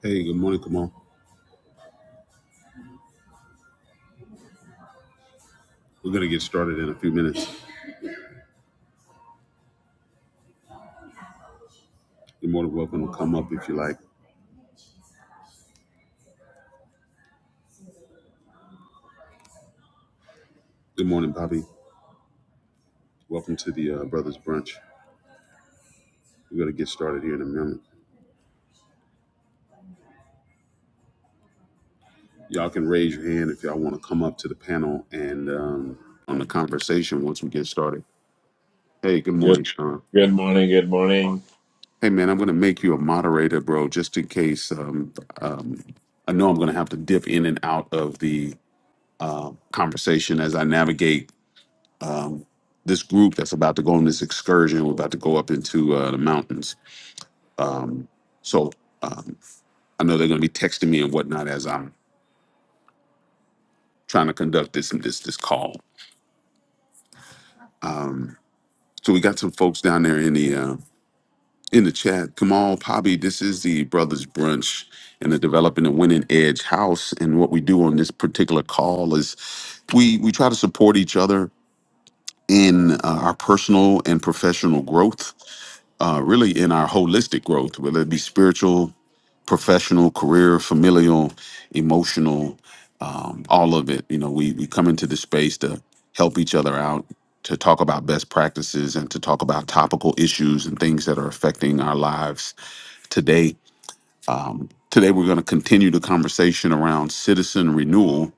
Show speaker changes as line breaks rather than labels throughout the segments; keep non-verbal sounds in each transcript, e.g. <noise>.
Hey, good morning, Kamal. We're going to get started in a few minutes. You're more than welcome to come up if you like. Good morning, Bobby. Welcome to the uh, Brothers Brunch. We're going to get started here in a minute. Y'all can raise your hand if y'all want to come up to the panel and um, on the conversation once we get started. Hey, good
Good,
morning, Sean.
good morning. Good morning.
Hey, man, I'm going to make you a moderator, bro, just in case. Um, um, I know I'm going to have to dip in and out of the conversation as I navigate this group that's about to go on this excursion. We're about to go up into uh, the mountains. So um, I know they're going to be texting me and whatnot as I'm trying to conduct this this this call. So we got some folks down there in the uh, in the chat. Kamal, Poppy, this is the Brothers Brunch and the Developing and Winning Edge House. And what we do on this particular call is we we try to support each other in uh, our personal and professional growth uh, really in our holistic growth, whether it be spiritual, professional, career, familial, emotional, um, all of it. You know, we we come into the space to help each other out, to talk about best practices, and to talk about topical issues and things that are affecting our lives today. Um, today, we're going to continue the conversation around citizen renewal,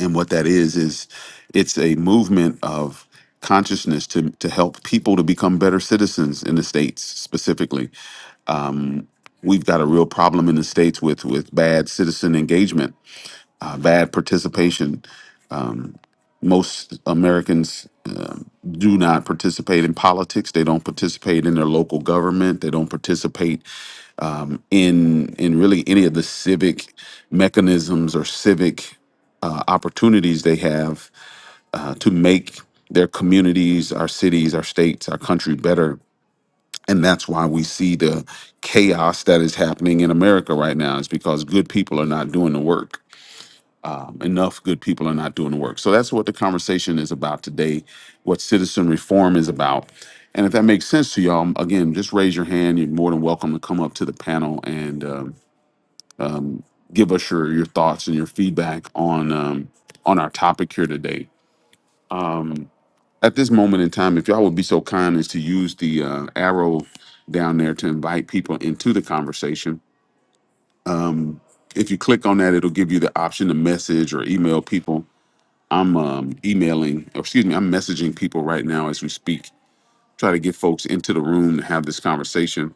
and what that is is it's a movement of consciousness to to help people to become better citizens in the states specifically We've got a real problem in the states with with bad citizen engagement, uh, bad participation. Most Americans uh, do not participate in politics. They don't participate in their local government. They don't participate um, in in really any of the civic mechanisms or civic uh, opportunities they have uh, to make their communities, our cities, our states, our country better And that's why we see the chaos that is happening in America right now is because good people are not doing the work. Um, enough good people are not doing the work. So that's what the conversation is about today, what citizen reform is about. And if that makes sense to y'all, again, just raise your hand. You're more than welcome to come up to the panel and um, give us your, your thoughts and your feedback on um, on our topic here today. At this moment in time, if y'all would be so kind as to use the uh, arrow down there to invite people into the conversation if you click on that, it'll give you the option to message or email people. I'm um, emailing, or excuse me, I'm messaging people right now as we speak. Try to get folks into the room to have this conversation.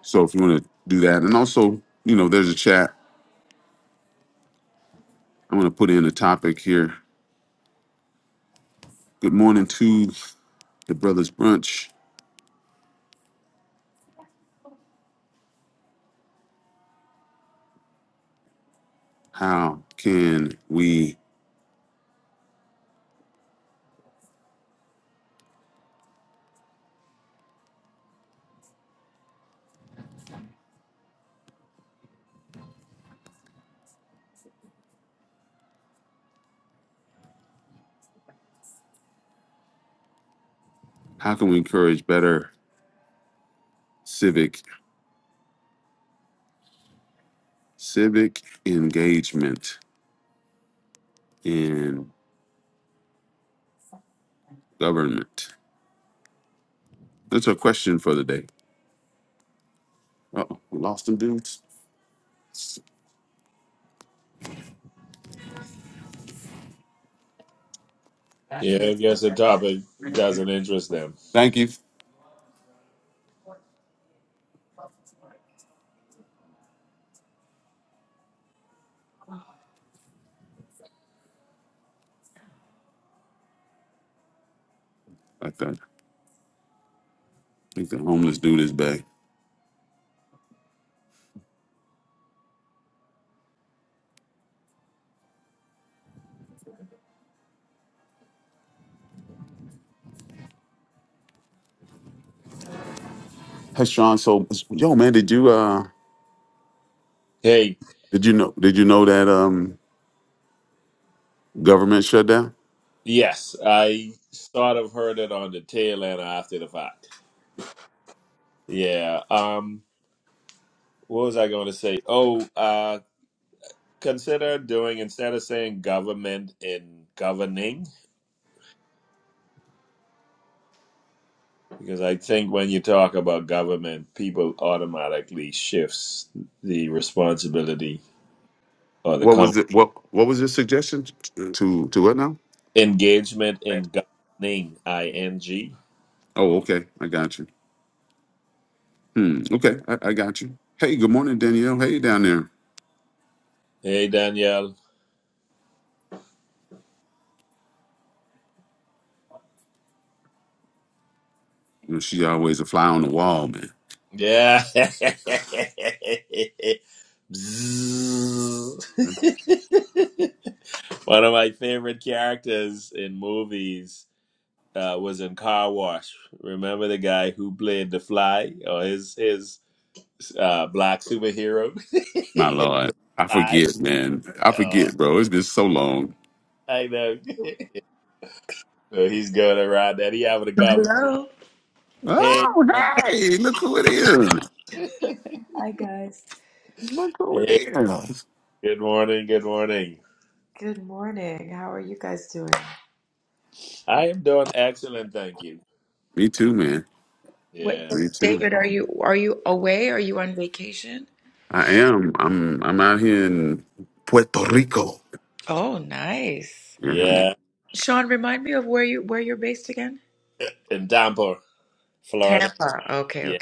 So if you want to do that, and also, you know, there's a chat. I'm going to put in a topic here. Good morning to the brothers brunch. How can we? How can we encourage better civic civic engagement in government? That's our question for the day. Uh-oh, we lost them dudes.
Yeah, I guess the topic doesn't interest them.
Thank you. I thought, I think the homeless dude is back. Hey Sean, so yo man, did you uh
Hey,
did you know did you know that um government shutdown?
yes, I sort of heard it on the tail end after the fact. Yeah. Um. What was I going to say? Oh, uh, consider doing instead of saying government in governing, because I think when you talk about government, people automatically shifts the responsibility or the
What
com-
was it what what was your suggestion to to what now?
engagement in governing. I N G.
Oh, okay. I got you. Hmm. Okay, I, I got you. Hey, good morning, Danielle. Hey down there.
Hey, Danielle.
You know, she always a fly on the wall, man.
Yeah. <laughs> Bzzz. <laughs> One of my favorite characters in movies uh, was in Car Wash. Remember the guy who played the Fly or his his uh, black superhero? <laughs>
My lord. I
Fly.
forget, man. I
Oh,
forget, bro. It's been so long.
I know. <laughs> so he's going around and he having a conversation. Hey,
Oh,
good morning.
hey, look who it is. Look who it
hey,
is.
good morning, good morning. I am doing excellent, thank you.
Me too, man.
Yeah,
Me too. I am. I'm. I'm out here in Puerto Rico. Yeah.
yeah. In Tampa. Florida. Yeah,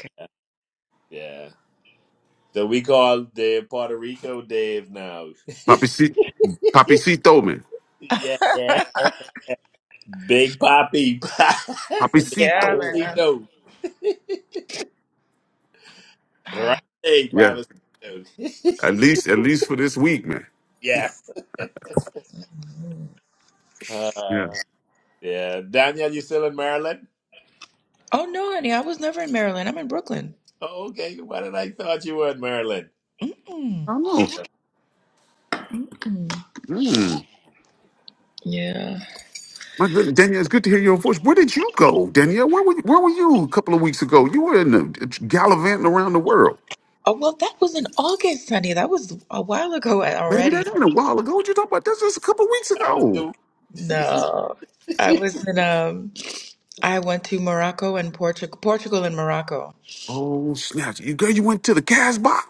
yeah. So we call the Puerto Rico Dave now.
Papici-
<laughs>
Papicito, man.
yeah, yeah. Big Papi, <laughs>
Papicito.
Big Papacito, Grande
Yeah.
Papacito. <laughs>
At least, at least for this week, man.
yeah,
Yeah.
uh, yeah. Daniel, you still in Maryland? Oh, okay. Why did I thought you were in Maryland?
Oh.
Uh,
Mm. My good Danielle, it's good to hear your voice. Where did you go, Danielle? Where were you, Where were you a couple of weeks ago? You were in the, gallivanting around the world, baby. That ain't a while ago. What you talking about? That's just a couple of weeks
That was
ago.
too. <laughs>
Oh snap! You girl, you went to the Casbah,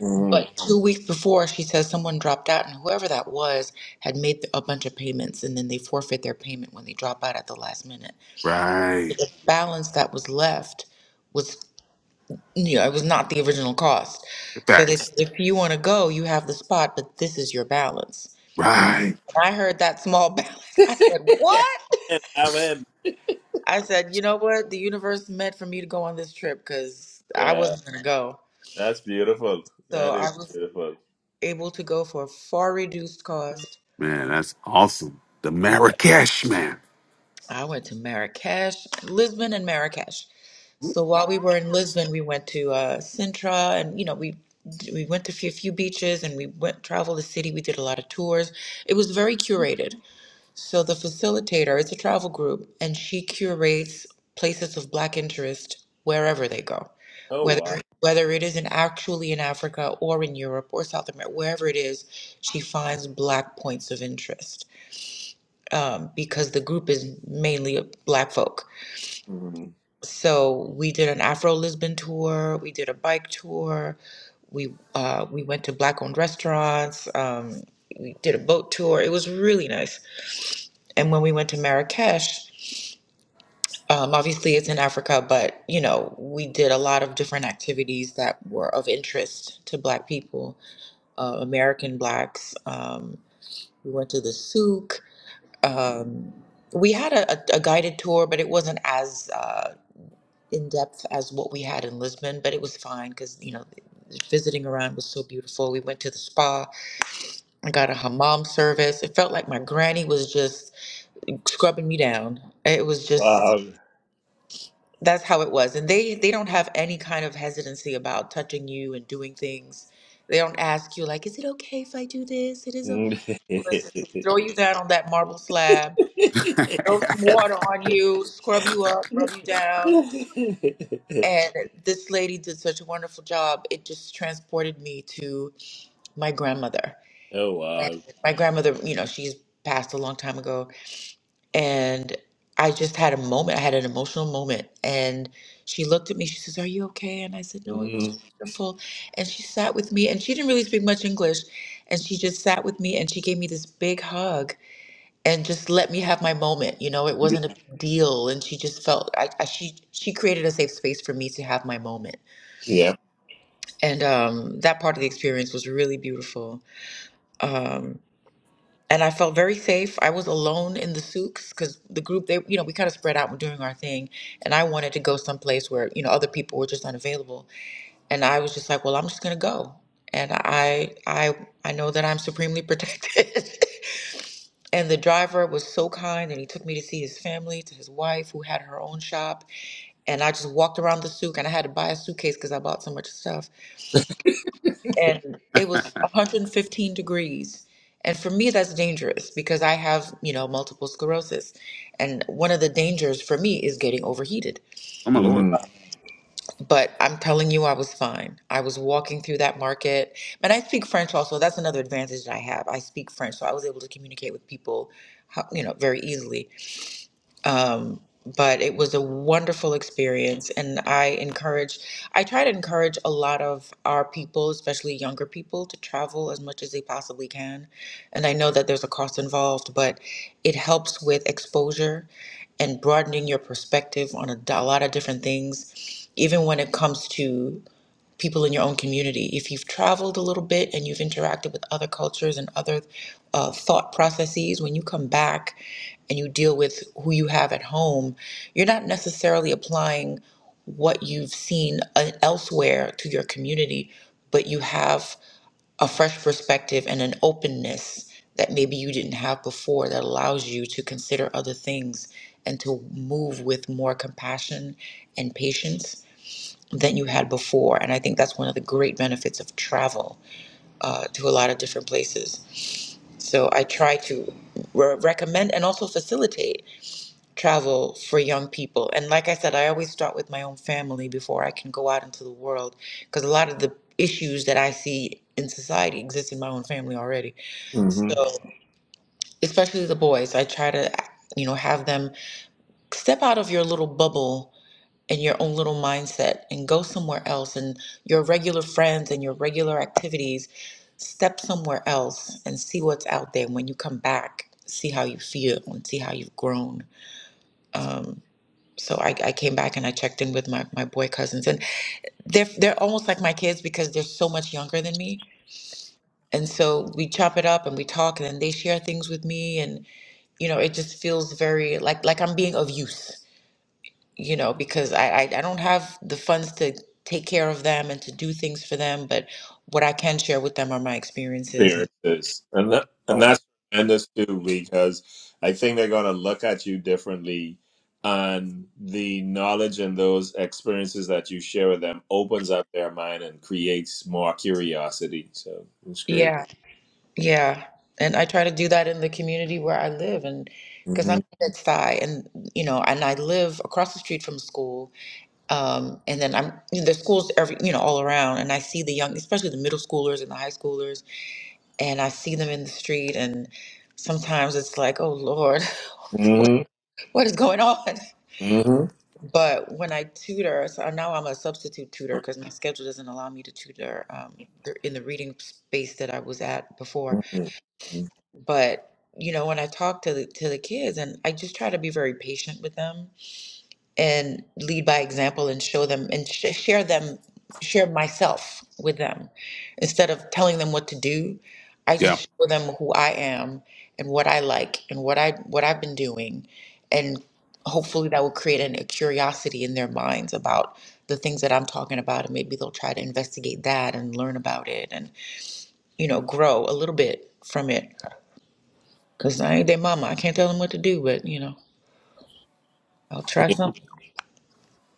Mhm.
right? Facts. Right.
Mhm. And I went. Yeah, that's beautiful. That is beautiful.
Man, that's awesome. The Marrakesh, man. What?
Oh wow. Mhm. Wow.
<laughs> oh
<laughs> <laughs> oh wow. hmm Yeah.
my lord.
hmm hmm Experiences, and that, and that's tremendous too, because I think they're going to look at you differently, and the knowledge and those experiences that you share with them opens up their mind and creates more curiosity. So it's great. hmm hmm hmm hmm
Yeah.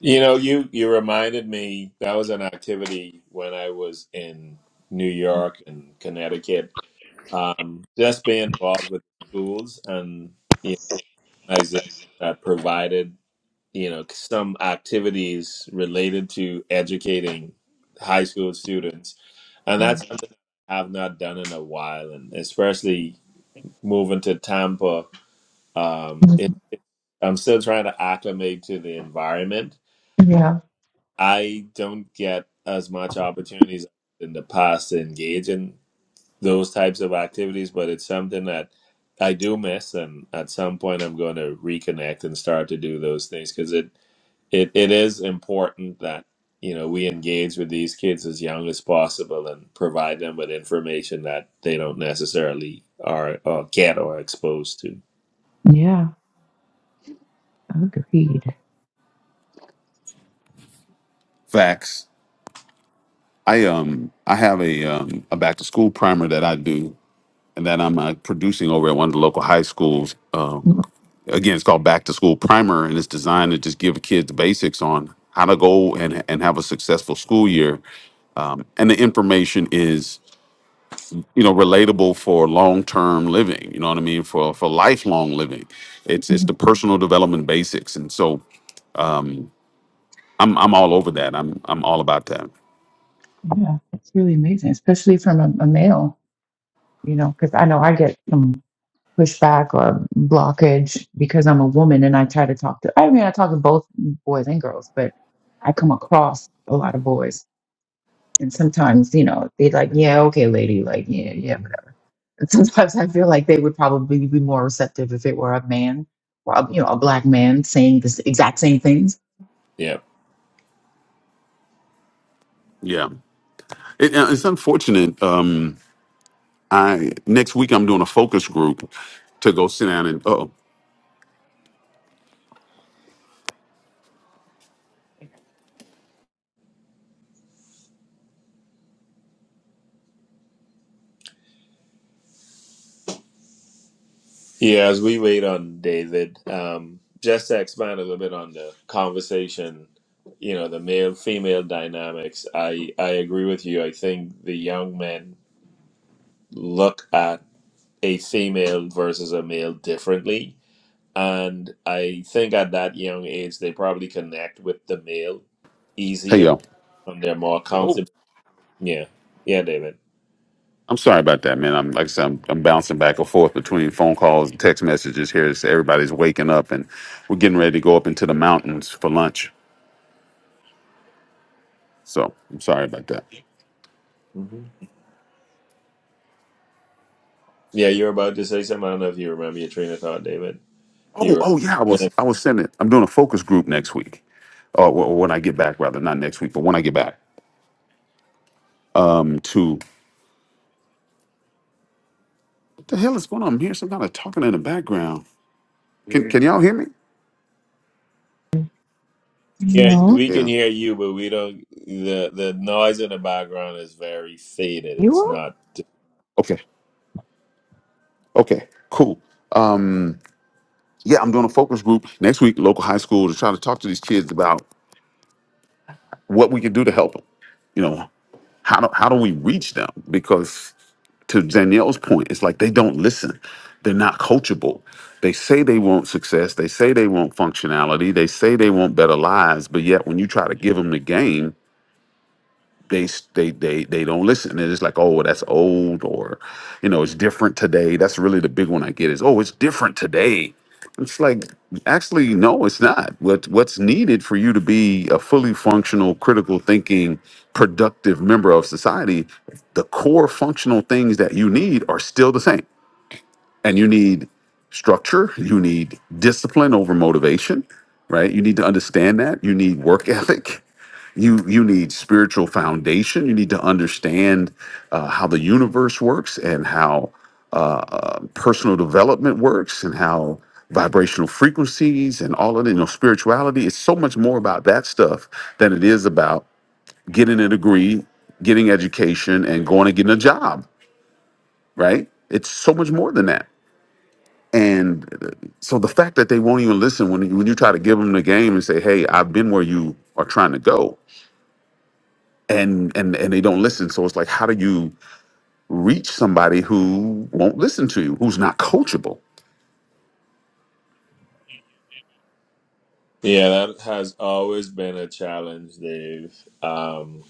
You know, you you reminded me that was an activity when I was in New York and Connecticut. Um, just being involved with schools and you know, organizations that provided you know some activities related to educating high school students, and that's something I have not done in a while, and especially moving to Tampa, um, it, it, I'm still trying to acclimate to the environment I don't get as much opportunities in the past to engage in those types of activities, but it's something that I do miss, and at some point I'm going to reconnect and start to do those things because it, it it is important that you know we engage with these kids as young as possible and provide them with information that they don't necessarily are or get or exposed to.
Facts. I um I have a um a back to school primer that I do and that I'm uh, producing over at one of the local high schools. Um again, it's called Back to School Primer and it's designed to just give kids the basics on how to go and and have a successful school year. And the information is you know relatable for long term living you know what i mean for for lifelong living it's it's the personal development basics and so i'm i'm all over that i'm i'm all about that
Yeah.
yeah it, uh, it's unfortunate um i next week i'm doing a focus group to go sit down and oh
Yeah, as we wait on David, um, just to expand a little bit on the conversation, you know, the male female dynamics, I, I agree with you. I think the young men look at a female versus a male differently. And I think at that young age, they probably connect with the male
hey
easier
y'all
and they're more
oh
comfortable. Yeah. Yeah, David.
i'm sorry about that man i'm like i said i'm, I'm bouncing back and forth between phone calls and text messages here so everybody's waking up and we're getting ready to go up into the mountains for lunch so i'm sorry about that
hmm Yeah, you were about to say something. I don't know if you remember your train of thought, David. You
Oh, oh yeah, I
were.
was I was sending. I'm doing a focus group next week, or wh- or when I get back, rather not next week, but when I get back. um, To what the hell is going on? I'm hearing some kind of talking in the background. Can can y'all hear me?
Yeah, we can
Yeah.
hear you, but we don't. The the noise in the background is very faded. It's not.
Okay. Okay. Cool. Yeah, I'm doing a focus group next week, local high school, to try to talk to these kids about what we can do to help them. You know, how do how do we reach them? Because to Danielle's point, it's like they don't listen. They're not coachable. They say they want success. They say they want functionality. They say they want better lives. But yet, when you try to give them the game, they s- they they they don't listen. And it's like, oh, that's old, or you know, it's different today. That's really the big one I get is, oh, it's different today. It's like, actually, no, it's not. What what's needed for you to be a fully functional, critical thinking, productive member of society, the core functional things that you need are still the same and you need structure you need discipline over motivation right you need to understand that you need work <laughs> ethic you you need spiritual foundation you need to understand uh, how the universe works and how uh, uh, personal development works and how vibrational frequencies and all of it, you know spirituality It's so much more about that stuff than it is about getting a degree getting education and going and getting a job right it's so much more than that and uh, so the fact that they won't even listen when you, when you try to give them the game and say, "Hey, I've been where you are trying to go," and and and they don't listen. So it's like, how do you reach somebody who won't listen to you, who's not coachable?
Yeah, that has always been a challenge, Dave. Um,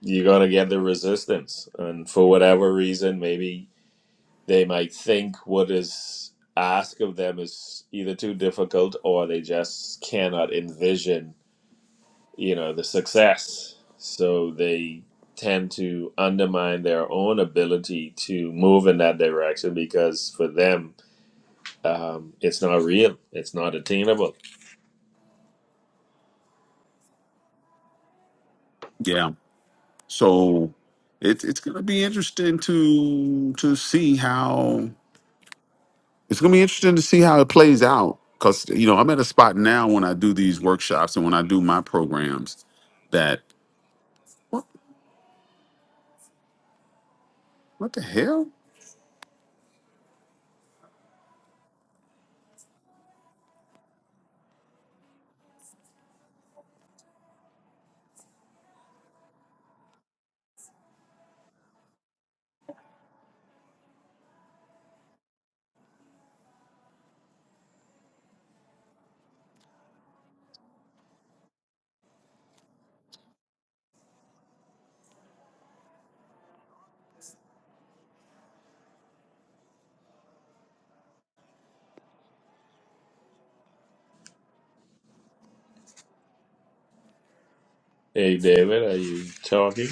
you're gonna get the resistance, and for whatever reason, maybe they might think what is asked of them is either too difficult or they just cannot envision you know the success so they tend to undermine their own ability to move in that direction because for them um, it's not real it's not attainable
Yeah. So it's it's gonna be interesting to to see how it's gonna be interesting to see how it plays out. Cause you know I'm at a spot now when I do these workshops and when I do my programs that what what the hell?
hey david are you talking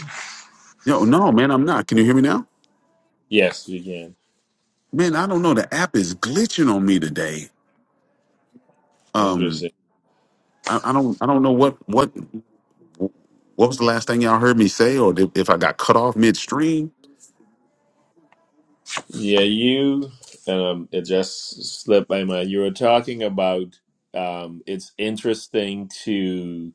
No, no, man, I'm not. Can you hear me now?
yes we can
Man, I don't know. The app is glitching on me today. Um,
interesting
I, I don't, I don't know what what what was the last thing y'all heard me say, or if if I got cut off midstream.
yeah you um, it just slipped by my you were talking about um, it's interesting to.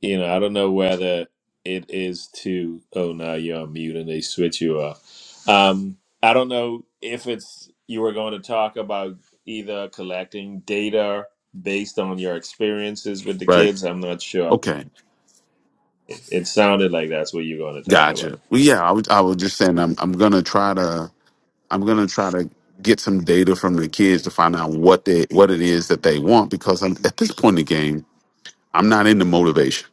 you know, I don't know whether it is to, oh, no, you're on mute and they switch you off. Um, I don't know if it's you were going to talk about either collecting data based on your experiences with the
Right?
kids. I'm not sure.
Okay,
It, it sounded like that's what you're going to talk about.
gotcha. Well, yeah, I was, I was just saying, I'm, I'm gonna try to, I'm gonna try to get some data from the kids to find out what they, what it is that they want, because I'm, at this point in the game, I'm not into motivation.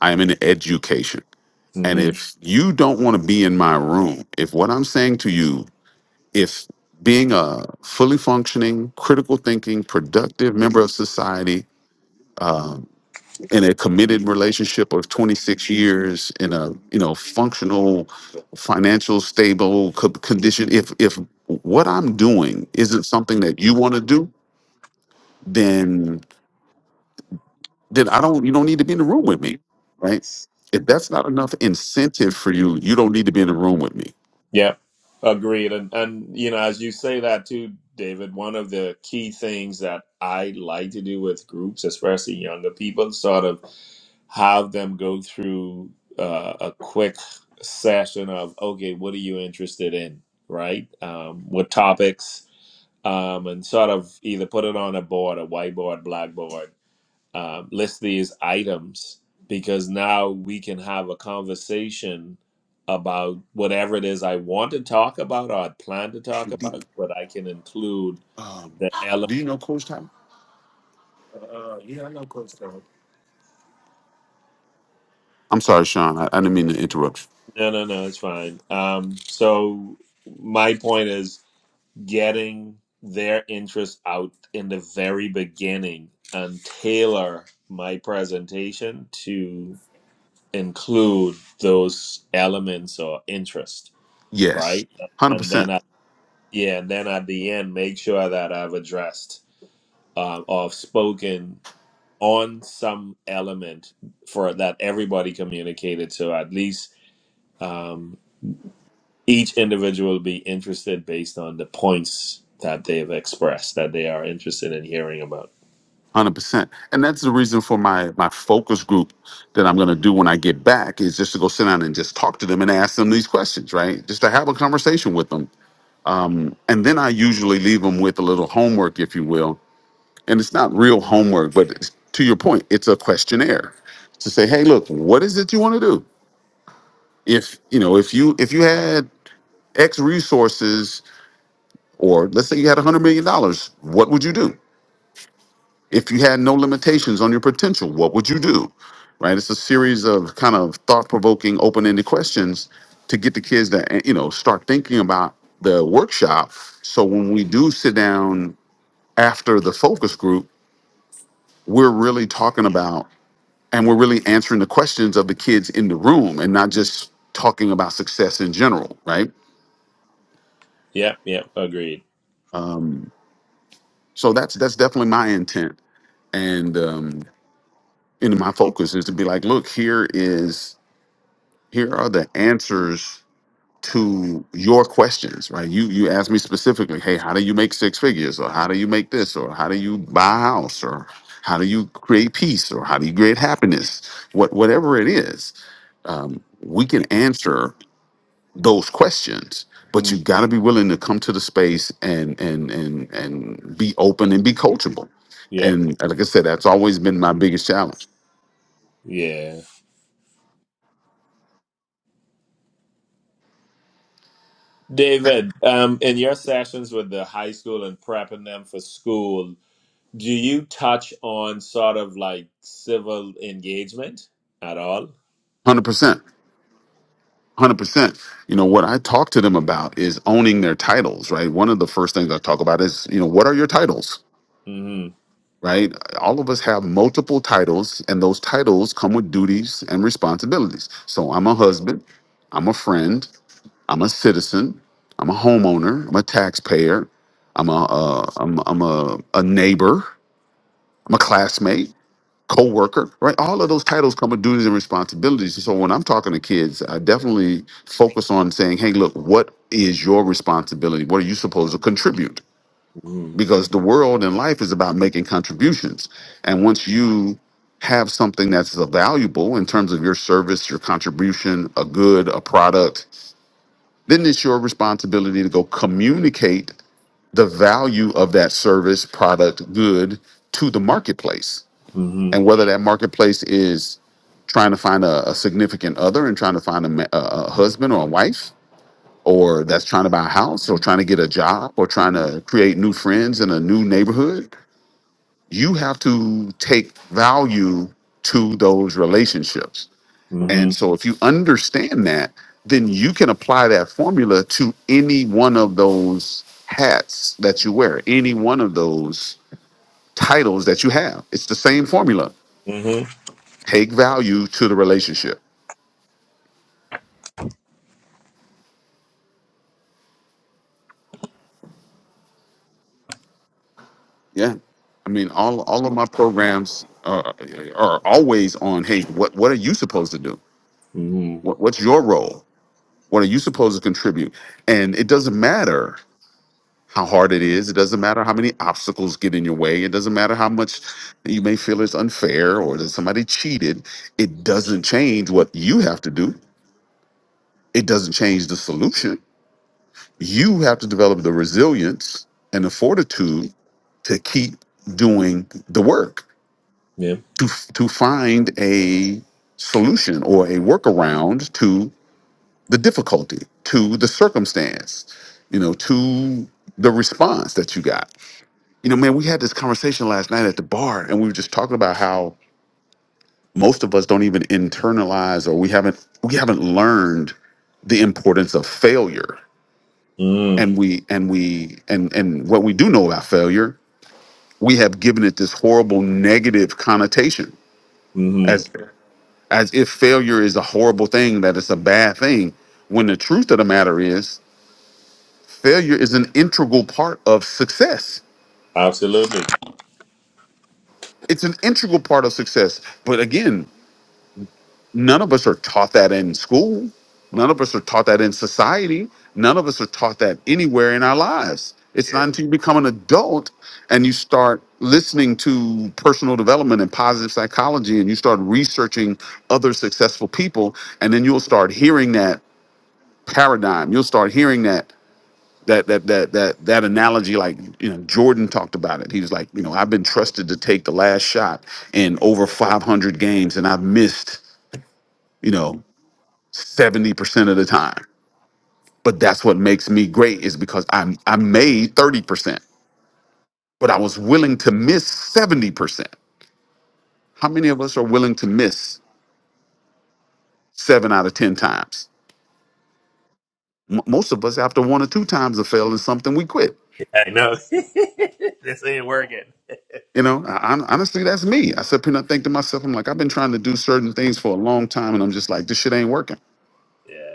I am into education. And
hmm
if you don't want to be in my room, if what I'm saying to you if being a fully functioning, critical thinking, productive member of society in a committed relationship of 26 years in a you know functional, financial stable co- condition, if if what I'm doing isn't something that you want to do, then then I don't you don't need to be in the room with me, right? If that's not enough incentive for you, you don't need to be in the room with me.
Yeah, agreed. And, and, you know, as you say that too, David, one of the key things that I like to do with groups, especially younger people, sort of have them go through uh, a quick session of okay what are you interested in right um, what topics um, and sort of either put it on a board a whiteboard blackboard um, list these items because now we can have a conversation about whatever it is i want to talk about or i plan to talk
Do
about but i can include the element
do you know Coach Tyler? I'm sorry, Sean. I, I didn't mean to interrupt.
no no no it's fine um, so my point is getting their interest out in the very beginning and tailor my presentation to include those elements or interest,
you. Yes,
right?
hundred
And
percent.
then, I, yeah, and then at the end, make sure that I've addressed um, or spoken on some element for that everybody communicated. So at least. um, each individual be interested based on the points that they've expressed that they are interested in hearing about.
Hundred percent, and that's the reason for my my focus group that I'm going to do when I get back is just to go sit down and just talk to them and ask them these questions, right? Just to have a conversation with them, and then I usually leave them with a little homework, if you will, and it's not real homework, but it's, to your point, it's a questionnaire to say, hey, look, what is it you want to do? If you know, if you if you had X resources, or let's say you had a hundred million dollars, what would you do? If you had no limitations on your potential, what would you do? Right? It's a series of kind of thought provoking, open ended questions to get the kids to, eh, you know, start thinking about the workshop. So when we do sit down after the focus group, we're really talking about and we're really answering the questions of the kids in the room and not just talking about success in general, right?
Yep, yep, agreed.
Um, so that's that's definitely my intent and um, and my focus is to be like, look, here is here are the answers to your questions right you you asked me specifically hey how do you make six figures or how do you make this or how do you buy a house or how do you create peace or how do you create happiness what whatever it is we can answer those questions but you
Mm,
got to be willing to come to the space and and and and be open and be coachable
Yep,
and like i said that's always been my biggest challenge
yeah. David, um, in your sessions with the high school and prepping them for school, do you touch on sort of like civil engagement at all?
100% one Hundred percent. You know what I talk to them about is owning their titles, right? One of the first things I talk about is, you know, what are your titles,
Mm-hmm.
right? All of us have multiple titles, and those titles come with duties and responsibilities. So I'm a husband, I'm a friend, I'm a citizen, I'm a homeowner, I'm a taxpayer, I'm a, uh, I'm, I'm a, a neighbor, I'm a classmate, co-worker right all of those titles come with duties and responsibilities so when i'm talking to kids i definitely focus on saying hey look what is your responsibility what are you supposed to contribute
Mm-hmm.
because the world and life is about making contributions and once you have something that's valuable in terms of your service your contribution a good a product then it's your responsibility to go communicate the value of that service product good to the marketplace and
Mm-hmm.
whether that marketplace is trying to find a, a significant other and trying to find a, ma- a, a husband or a wife or that's trying to buy a house or trying to get a job or trying to create new friends in a new neighborhood you have to take value to those relationships and
Mm-hmm.
so if you understand that then you can apply that formula to any one of those hats that you wear any one of those titles that you have it's the same formula
Mm-hmm.
Take value to the relationship. Yeah. I mean, all all of my programs uh, are always on. Hey, what what are you supposed to do?
mm-hmm.
What, what's your role? What are you supposed to contribute? And it doesn't matter how hard it is. It doesn't matter how many obstacles get in your way. It doesn't matter how much you may feel is unfair or that somebody cheated. It doesn't change what you have to do. It doesn't change the solution. You have to develop the resilience and the fortitude to keep doing the work
Yeah.
to to find a solution or a workaround to the difficulty, to the circumstance, you know, to the response that you got. You know, man, we had this conversation last night at the bar and we were just talking about how most of us don't even internalize or we haven't we haven't learned the importance of failure.
Mm-hmm.
And we and we and and what we do know about failure, we have given it this horrible negative connotation
Mm-hmm.
as as if failure is a horrible thing that it's a bad thing when the truth of the matter is failure is an integral part of success
Absolutely.
it's an integral part of success but again none of us are taught that in school none of us are taught that in society none of us are taught that anywhere in our lives it's
Yeah.
not until you become an adult and you start listening to personal development and positive psychology and you start researching other successful people and then you'll start hearing that paradigm. You'll start hearing that that that that that that analogy like you know Jordan talked about it. He was like, you know, I've been trusted to take the last shot in over 500 games and I've missed, you know, 70% of the time. But that's what makes me great is because I'm I made 30%, but I was willing to miss 70%. How many of us are willing to miss 7 out of 10 times? M- most of us after one or two times of failing something we quit
I know. <laughs> this ain't working.
You know, I, i honestly, that's me. I said, I think to myself, I'm like, I've been trying to do certain things for a long time, and I'm just like, this shit ain't working.
Yeah.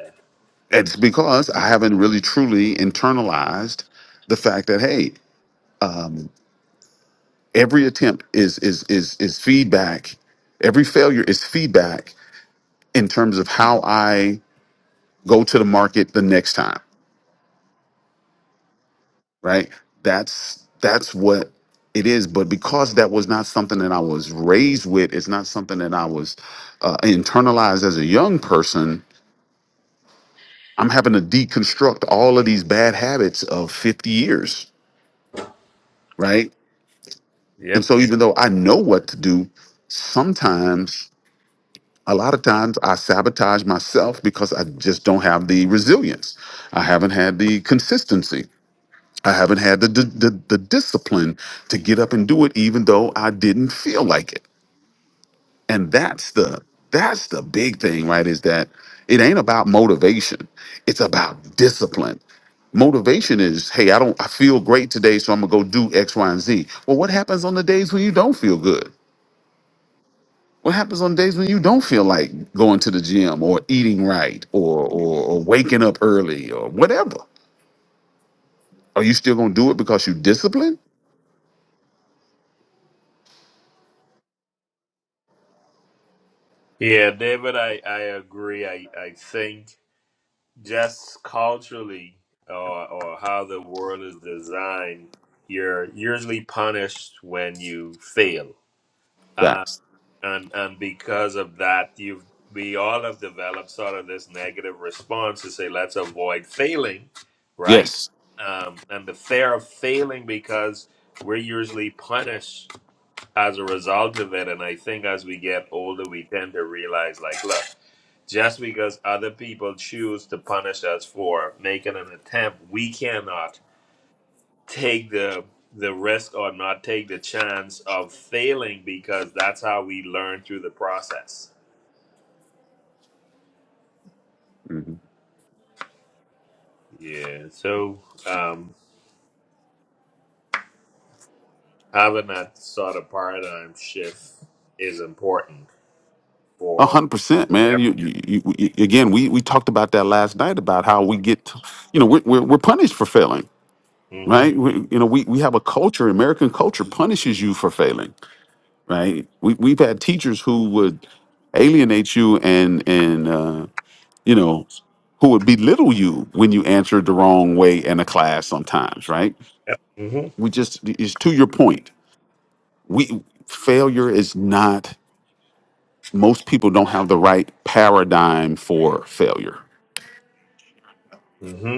It's because I haven't really truly internalized the fact that hey, every attempt is is is is feedback. Every failure is feedback in terms of how I go to the market the next time. Right? That's that's what it is. But because that was not something that I was raised with, it's not something that I was uh, internalized as a young person I'm having to deconstruct all of these bad habits of 50 years, right? And
Yep.
so even though I know what to do, sometimes a lot of times I sabotage myself because I just don't have the resilience. I haven't had the consistency. I haven't had the the, the, the discipline to get up and do it even though I didn't feel like it. and that's the that's the big thing right is that it ain't about motivation it's about discipline motivation is hey i don't i feel great today so i'm gonna go do x y and z well what happens on the days when you don't feel good what happens on days when you don't feel like going to the gym or eating right or or, or waking up early or whatever are you still gonna do it because you discipline
Yeah, David, I, I agree. I, I think just culturally or or how the world is designed, you're usually punished when you fail. Uh,
facts
and and because of that you've we all have developed sort of this negative response to say let's avoid failing, right?
yes
Um, and the fear of failing because we're usually punished as a result of it. And I think as we get older, we tend to realize, like, look, just because other people choose to punish us for making an attempt, we cannot take the the risk or not take the chance of failing because that's how we learn through the process.
Mm-hmm.
Yeah. So um, having that sort of paradigm shift is important
A
for.
hundred percent, man. You, you, you, you- again, we, we talked about that last night about how we get, to- you know, we're, we're, we're punished for failing,
mm
right? We, you know, we, we have a culture, American culture punishes you for failing, right? We, we've had teachers who would alienate you and, and, uh, you know, who would belittle you when you answered the wrong way in a class sometimes, right?
hmm Yep.
We just, it's to your point. We, failure is not, most people don't have the right paradigm for failure
hmm hmm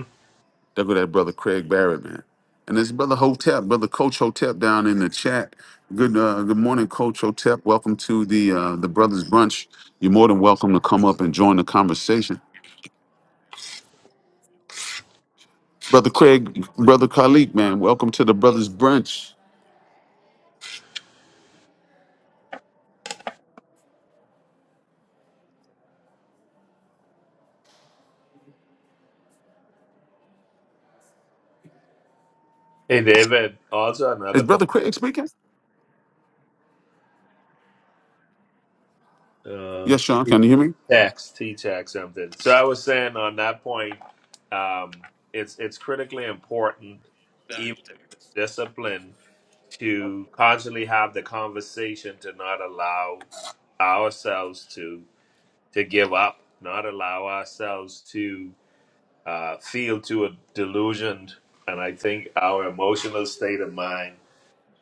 There go that brother Craig Barrett, man. And this brother Hotep, brother Coach Hotep down in the chat. Good uh, good morning, Coach Hotep. Welcome to the uh, the Brothers Brunch. You're more than welcome to come up and join the conversation. Brother Craig, brother Khalik, man, welcome to the Brothers Brunch.
Hey, David. Also,
Is
another point.
brother Craig speaking?
uh,
Yes, Sean, can you hear me?
tax, T-tax something. So I was saying on that point, um, it's it's critically important, even discipline, to constantly have the conversation to not allow ourselves to to give up, not allow ourselves to uh, feel too delusioned. And I think our emotional state of mind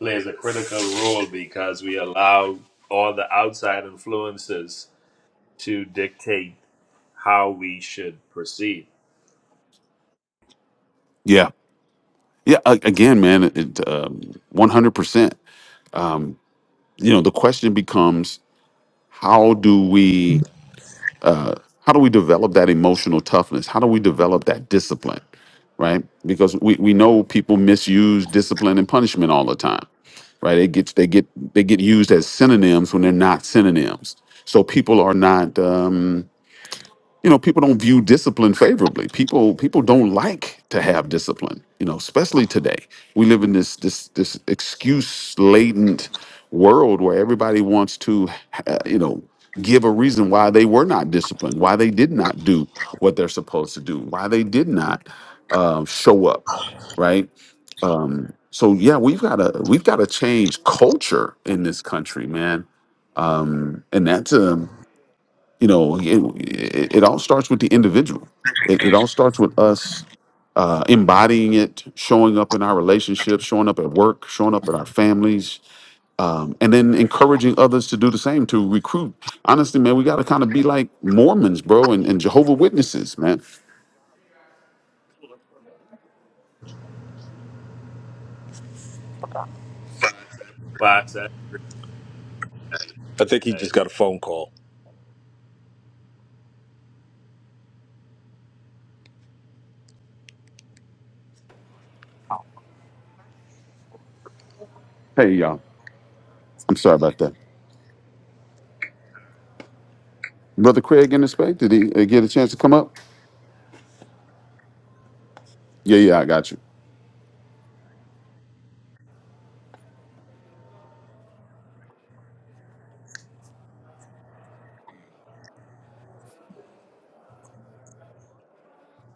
plays a critical role because we allow all the outside influences to dictate how we should proceed.
Yeah. Yeah, a- again, man, it, uh, 100%. You know, the question becomes how do we How do we develop that emotional toughness? How do we develop that discipline? Right? Because we, we know people misuse discipline and punishment all the time. Right? It gets they get they get used as synonyms when they're not synonyms. So people are not. Um, you know people don't view discipline favorably people people don't like to have discipline you know especially today we live in this this this excuse laden world where everybody wants to uh, you know give a reason why they were not disciplined why they did not do what they're supposed to do why they did not uh, show up right um so yeah we've got to we've got to change culture in this country man um and that's a you know, it, it all starts with the individual. It, it
I
all starts with us uh, embodying it, showing up in our relationships, showing up at work, showing up in our families, um, and then encouraging others to do the same to recruit. Honestly, man, we got to kind of be like Mormons, bro, and, and Jehovah Witnesses, man.
But uh,
think he
uh,
just got a phone call.
Hey, y'all, I'm sorry about that. Brother Craig in the space, did he uh, get a chance to come up? Yeah, yeah, I got you.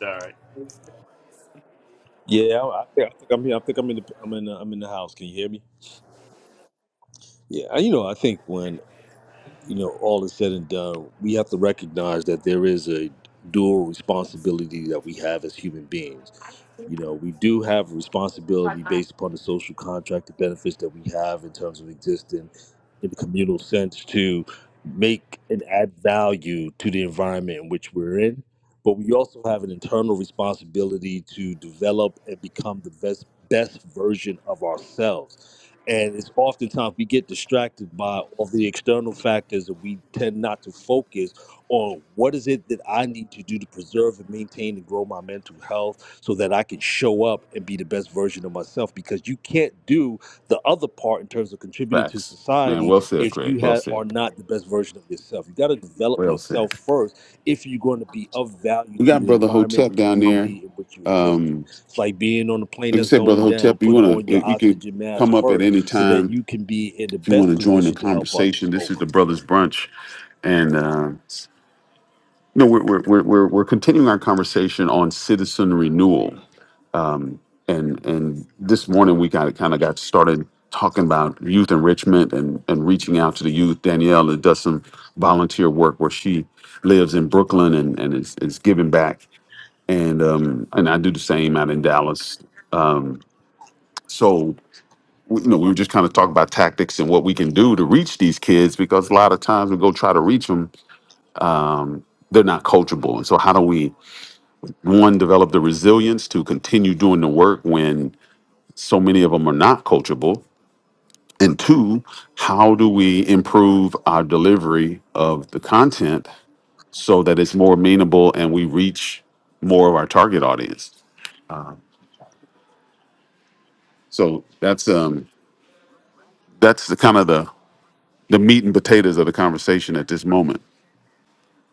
sorry,
Yeah, I I think, I think I'm here. I think I'm in the I'm in the, I'm in the house. Can you hear me? Yeah, you know, I think when you know, all is said and done, we have to recognize that there is a dual responsibility that we have as human beings. You know, we do have responsibility based upon the social contract, the benefits that we have in terms of existing in the communal sense to make and add value to the environment in which we're in. But we also have an internal responsibility to develop and become the best best version of ourselves and it's oftentimes we get distracted by all the external factors and we tend not to focus on what is it that I need to do to preserve and maintain and grow my mental health so that I can show up and be the best version of myself. Because you can't do the other part in terms of contributing to
Facts, man.
society
Well said,
if
Craig.
you
Well
had
said.
are not the best version of yourself. You got to develop
Well
yourself
said.
first if you're going to be of value
We
to
got
the
Brother
environment
Hotep
and
down there.
community in which you exist
Um,
in. It's like being on a plane
Like I
that's
said, Brother
going down.
Hotep, you
Put
wanna
on
eh,
your
you can
oxygen mask
come up at
first
any
so that
time
you can be in the
if you want
best
to join the
position to help
conversation.
others
This is
over.
the Brothers Brunch, and uh, no, we're we're, we're we're we're continuing our conversation on citizen renewal, and and this morning we got kind of got started talking about youth enrichment and and reaching out to the youth. Danielle does some volunteer work where she lives in Brooklyn and and is, is giving back, and um and I do the same out in Dallas. Um, so we- you know, we were just kind of talking about tactics and what we can do to reach these kids because a lot of times we go try to reach them, they're not coachable. And so, how do we, one, develop the resilience to continue doing the work when so many of them are not coachable? And two, how do we improve our delivery of the content so that it's more amenable and we reach more of our target audience? So that's um that's the kind of the the meat and potatoes of the conversation at this moment.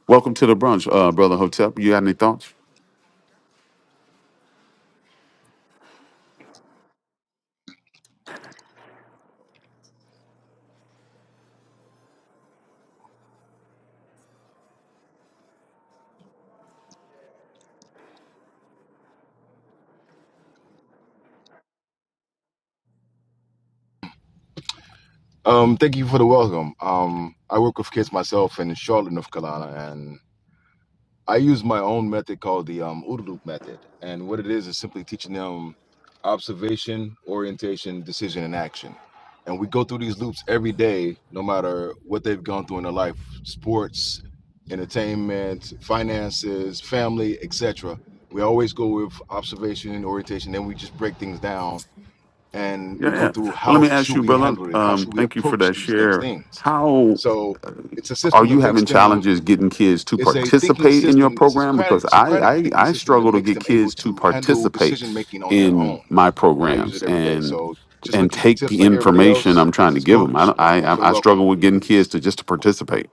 Welcome to the brunch, uh, brother Hotep. You got any thoughts?
Um, thank you for the welcome. Um, I work with kids myself in Charlotte, North Carolina, and I use my own method called the um, OODA Loop method. And what it is is simply teaching them observation, orientation, decision, and action. And we go through these loops every day, no matter what they've gone through in their life, sports, entertainment, finances, family, etc. We always go with observation and orientation, then we just break things down and we
Yeah,
go
yeah.
through
Well, let
how
me
should
ask you,
we
brother.
handle it how
Um,
should we
thank you for
approach
that
these next
share.
things
How
so it's a
are
system that
you
makes
having
them
challenges getting kids to
it's a thinking
participate in your
system it's a
program? Because
socratic,
I
socratic
I,
thinking
I
system that
struggle to
makes
get
them able
kids to
to handle
participate
decision making on their
in
own
my
and i use
programs
it every day
and
so just
and
looking for
take
tips
the
like everybody
information
else
I'm
this
trying to
is
give them. I
coach
don't- I
thanks for the
I I
welcome
struggle with getting kids
peace
to just to participate.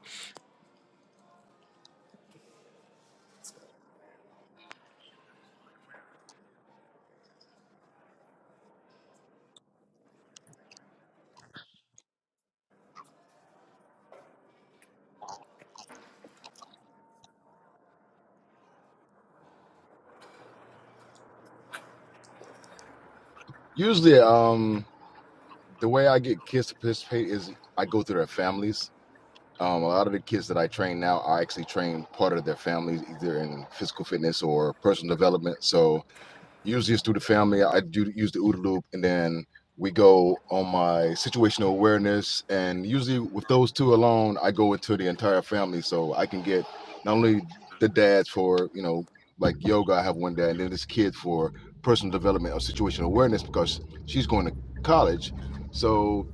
usually um the way i get kids to participate is i go through their families Um, a lot of the kids that I train now, I actually train part of their families, either in physical fitness or personal development. So usually it's through the family. I do use the OODA loop, and then we go on my situational awareness. And usually with those two alone, I go into the entire family, so I can get not only the dads for you know like yoga, I have one dad, and then this kid for personal development or situational awareness because she's going to college. So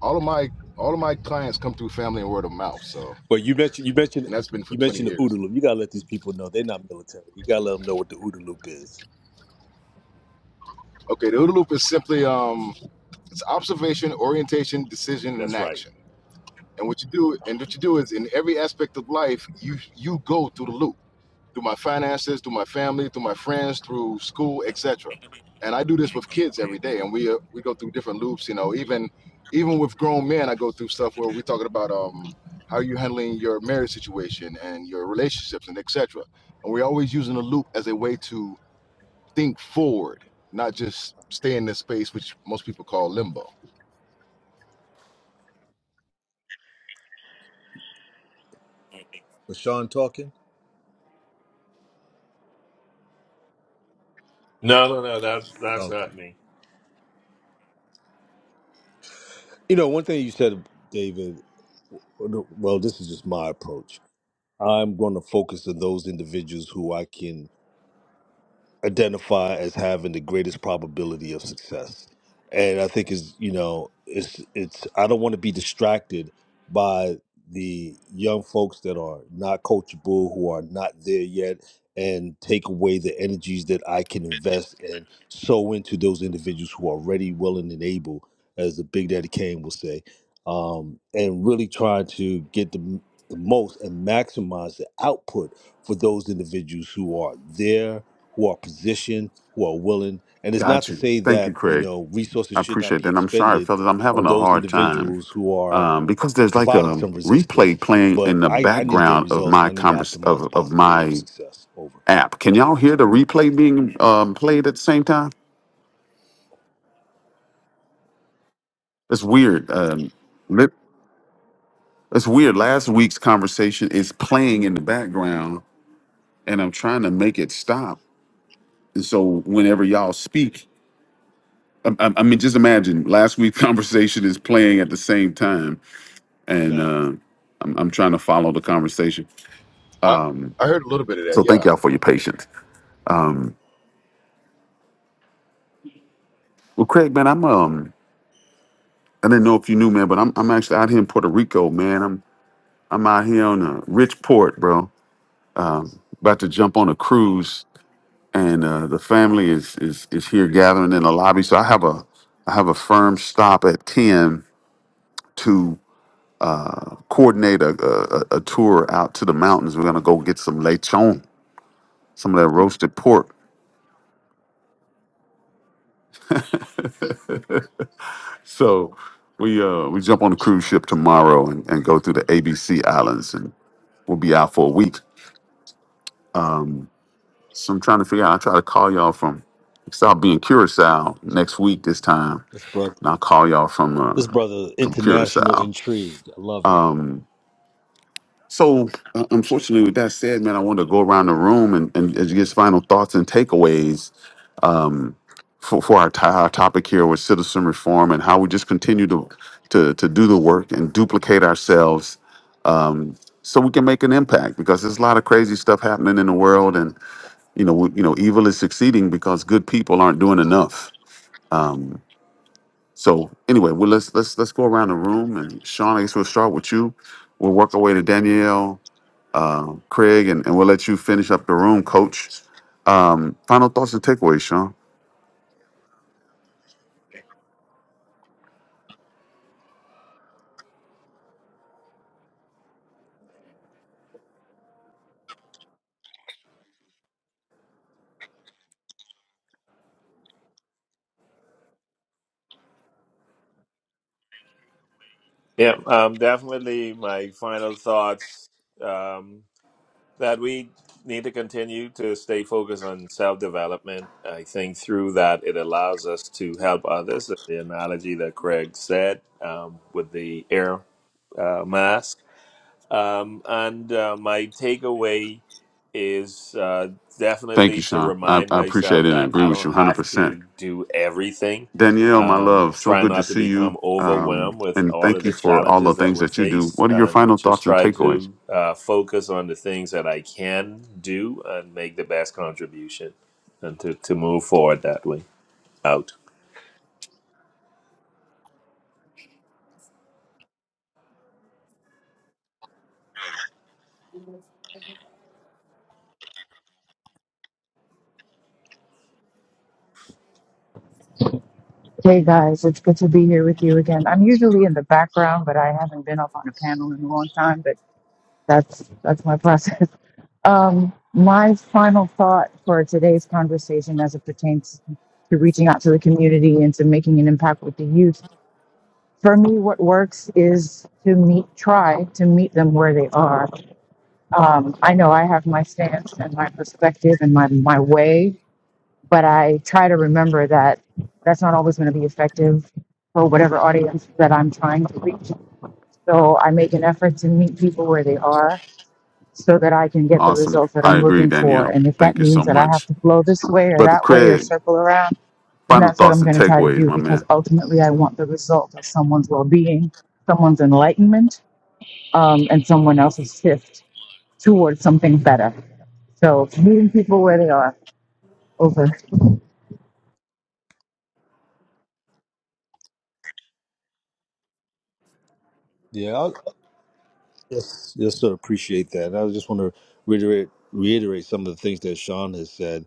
all of my all of my clients come through family and word of mouth. So
But you mentioned you
and
mentioned
that's been for
you
20
mentioned the
years.
OODA loop. You gotta let these people know they're not military. You gotta let them know what the OODA loop is.
Okay, the OODA loop is simply um, it's observation, orientation, decision, and
That's right.
action. And what you do, and what you do is in every aspect of life, you you go through the loop, through my finances, through my family, through my friends, through school, etc. And I do this with kids every day, and we uh, we go through different loops. You know, even even with grown men, I go through stuff where we're talking about um, how you are handling your marriage situation and your relationships and etc. And we're always using the loop as a way to think forward, not just stay in this space, which most people call limbo.
Was Sean talking?
no, no, no, that that's
Okay.
not me.
You know, one thing you said, David. Well, this is just my approach. I'm going to focus on those individuals who I can identify as having the greatest probability of success and i think is you know it's it's i don't want to be distracted by the young folks that are not coachable who are not there yet and take away the energies that i can invest and sow into those individuals who are ready willing and able as the big daddy kane will say um, and really trying to get the, the most and maximize the output for those individuals who are there who are positioned, who are willing. And it's not
Got
to
you.
say
Thank you,
that, you
Craig.
know, resources
I
should not
appreciate
be
that. And I'm sorry,
expended
fellas. I'm
on
having a
those
hard time
individuals who are
um, because there's like
providing
a
some resistance.
replay playing in
But
the
I, I need to get
background of
results
my
and I need to
convers
optimize
of
the
of
possibility of
my
success. Over.
app. Can y'all hear the replay being um, played at the same time? That's weird. Um, lit- that's weird. Last week's conversation is playing in the background, and I'm trying to make it stop. And so whenever y'all speak, I, I, I mean, just imagine last week's <laughs> conversation is playing at the same time, and
Nah.
uh, I'm, I'm trying to follow the conversation.
I, I heard a little bit of that,
So
yeah.
thank y'all for your patience. Well, Craig, man, I'm um I didn't know if you knew, man, but I'm I'm actually out here in Puerto Rico, man. I'm I'm out here on a rich port, bro. About to jump on a cruise, and uh, the family is is is here gathering in the lobby. So I have a I have a firm stop at ten to coordinate a a, a a tour out to the mountains. We're gonna go get some lechon, some of that roasted pork. <laughs> so we uh we jump on the cruise ship tomorrow and, and go through the ABC islands, and we'll be out for a week. So I'm trying to figure out. I try to call y'all from. So I'll be in Curacao next week this time,
This brother
and I'll call y'all from
this
uh,
brother
from
international
Curacao.
intrigue. I love it.
So uh, unfortunately, with that said, man, I wanted to go around the room and and as get final thoughts and takeaways um, for for our, ti- our topic here with citizen reform and how we just continue to to to do the work and duplicate ourselves. Um, so we can make an impact because there's a lot of crazy stuff happening in the world, and you know, we, you know, evil is succeeding because good people aren't doing enough. Um, So anyway, well let's let's let's go around the room and Sean, I guess we'll start with you. We'll work our way to Danielle, uh, Craig, and, and we'll let you finish up the room, coach. Um, final thoughts and takeaways, Sean.
Yeah, um, definitely. My final thoughts um, that we need to continue to stay focused on self development. I think through that it allows us to help others. The analogy that Craig said um, with the air uh, mask Um, and uh, my takeaway is uh,
Thank
definitely
you,
to
Sean. I,
remind
I appreciate
myself
it and
that
agree
I
with
don't
you
have
100%.
to do everything.
Danielle, my
Um,
love, so
try
good to
not to
see you.
become
Um,
overwhelmed with
and
all
thank
of
you
the
for all the
challenges that
things
we're
that you do.
faced
What are your
and
final
just
thoughts and
try
takeaways?
to uh, focus on the things that I can do and make the best contribution and to, to move forward that way. Out.
Hey guys, it's good to be here with you again. I'm usually in the background, but I haven't been up on a panel in a long time, but that's that's my process. <laughs> Um, my final thought for today's conversation as it pertains to reaching out to the community and to making an impact with the youth. For me, what works is to meet, try to meet them where they are. Um, I know I have my stance and my perspective and my, my way but I try to remember that that's not always going to be effective for whatever audience that I'm trying to reach. So I make an effort to meet people where they are so that I can get the
Awesome.
results that
I
I'm
agree,
looking for.
Danielle.
And if that
Thank you so
means that I have
much.
to flow this way or
Brother
that way or
Craig,
circle around, then
final
that's what
thoughts
I'm
and
going to try to
takeaways,
do
my man.
because ultimately I want the result of someone's well being, someone's enlightenment, um, and someone else's shift towards something better. So meeting people where they are. Over.
Yeah, I, yes, yes, sir. Appreciate that. And I just want to reiterate reiterate some of the things that Sean has said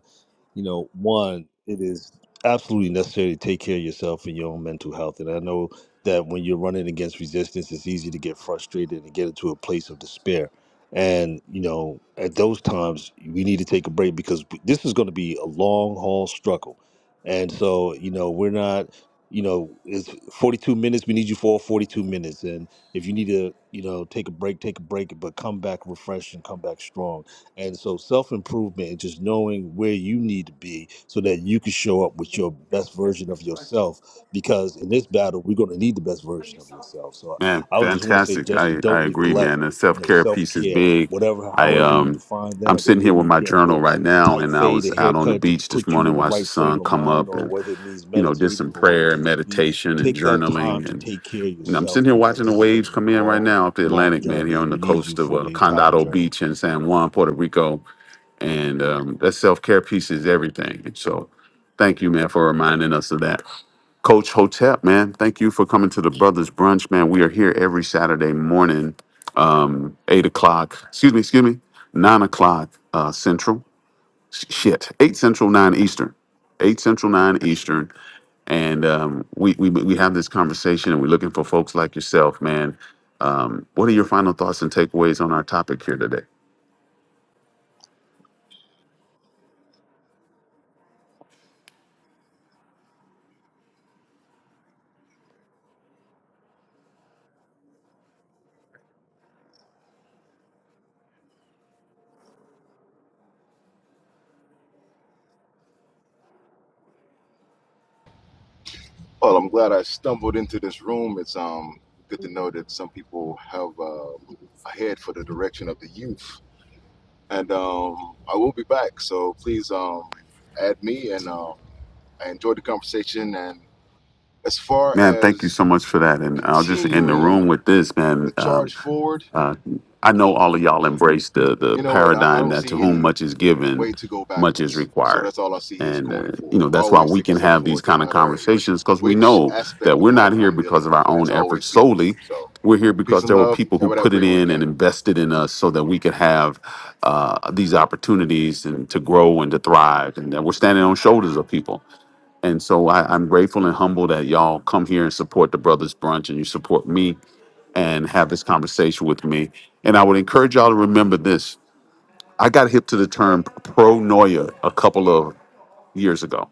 you know, one, it is absolutely necessary to take care of yourself and your own mental health. And I know that when you're running against resistance, it's easy to get frustrated and get into a place of despair. And, you know, at those times, we need to take a break because this is going to be a long haul struggle. And so, you know, we're not, you know, it's 42 minutes. We need you for all 42 minutes. And if you need to, you know, take a break, take a break, but come back refreshed and come back strong and so self improvement and just knowing where you need to be so that you can show up with your best version of yourself. Because in this battle, we're going to need the best version of yourself. So
Man,
I would just want to say,
fantastic.
just
I, I
don't
agree,
neglect,
man. The self
you know,
care
self
piece is
care,
big.
whatever,
I
however you
um
define
I'm
that,
sitting
whether
here
it
with
means
my
getting
journal
your
right
a
now
tight
and I
fade,
was
a
out on the
haircut to
beach this
put you in
morning,
the
watched the
right frame
sun
of
come
mind,
up
or
and
whether it means
you know, did
meditating
some
or whatever the
prayer and
case may be,
meditation and
take that time
journaling
to
and,
take care of
and I'm
yourself
sitting here
because
watching the
this is going
waves
to be
come
a
in right
long,
now up the
long
Atlantic, man, here
journey and
on
we
the
need you
coast of
for
uh,
the entire
Condado
journey.
Beach in San Juan, Puerto Rico. And um, that self care piece is everything. And so thank you, man, for reminding us of that. Coach Hotep, man, thank you for coming to the Brothers Brunch, man. We are here every Saturday morning, um, eight o'clock. Excuse me, excuse me, nine o'clock uh, Central. Sh- Shit, eight Central, nine Eastern. Eight Central, nine Eastern, and um, we, we we have this conversation, and we're looking for folks like yourself, man. Um, what are your final thoughts and takeaways on our topic here today?
Well, I'm glad I stumbled into this room. It's um good to know that some people have uh, a head for the direction of the youth, and um, I will be back. So please um add me, and um, I enjoyed the conversation. And as far
Man, thank you
as
so much for that. And I'll just end the
continuing
room with this,
the
man. Um,
charge forward,
Uh, I know all of y'all embrace the the
you know what? I, I
paradigm
don't
that to
see
whom
any
much is given,
way to go
much is
backwards. So
required,
that's all I see is
and
going
uh, you
forward.
know that's why
Always
we
taking
can
steps
have these
forward, no
kind of
matter which
conversations because we
which
know that
aspect of
we're not
life
here
I'm
because
dealing
of
with,
our
and
own
that's
efforts
always people.
solely.
So
We're here
peace
because
and
there were
love.
people who
Everybody have a
put it
great
in
weekend.
and invested in us so that we could have uh, these opportunities and to grow and to thrive, and that we're standing on shoulders of people. And so I, I'm grateful and humble that y'all come here and support the Brothers Brunch and you support me and have this conversation with me. And I would encourage y'all to remember this. I got hip to the term pronoia a couple of years ago.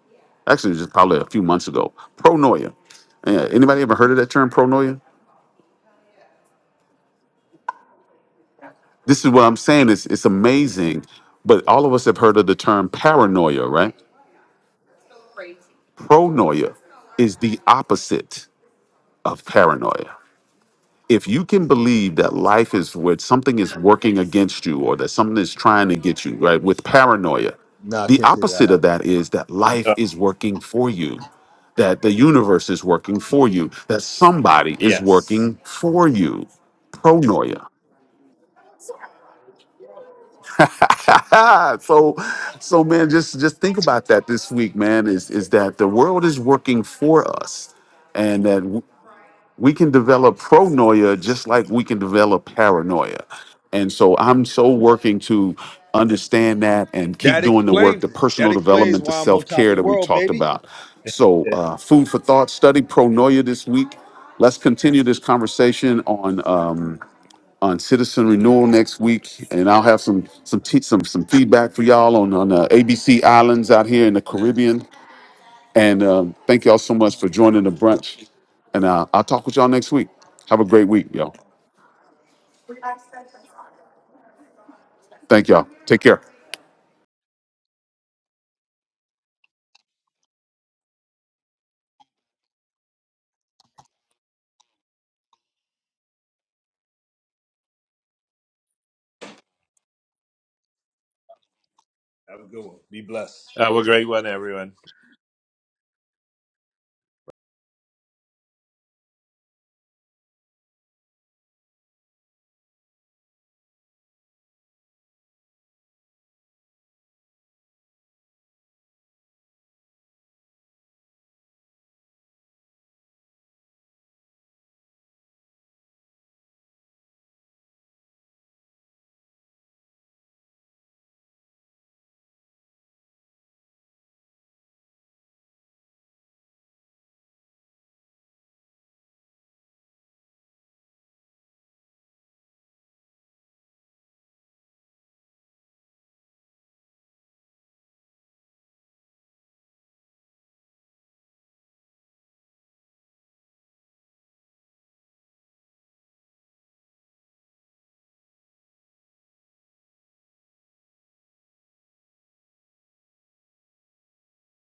Actually, just probably a few months ago. Pronoia. Yeah, anybody ever heard of that term, pronoia? This is what I'm saying. It's, it's amazing, but all of us have heard of the term paranoia, right? Pronoia is the opposite of paranoia. if you can believe that life is where something is working against you or that something is trying to get you, right, with paranoia,
No, I
the
can't say that I
opposite of
have.
that is that life
Uh,
is working for you, that the universe is working for you, that somebody is
yes.
working
Mm-hmm.
for you. Pronoia. <laughs> so so man just just think about that this week man is is that the world is working for us and that. we can develop pronoia just like we can develop paranoia. And so I'm so working to understand that and keep
That
doing the work, the
explains it. That
personal
explains
development, the
why I'm on
self
top
care
of the
that we
world,
talked
baby.
about. So,
<laughs>
uh, food for thought study pronoia this week. Let's continue this conversation on um, on citizen renewal next week, and I'll have some some te- some some feedback for y'all on on uh, ABC Islands out here in the Caribbean. And um, thank y'all so much for joining the brunch. And uh, I'll talk with y'all next week. Have a great week, y'all. Thank y'all. Take care.
Have a good one. Be blessed.
Have a great one, everyone.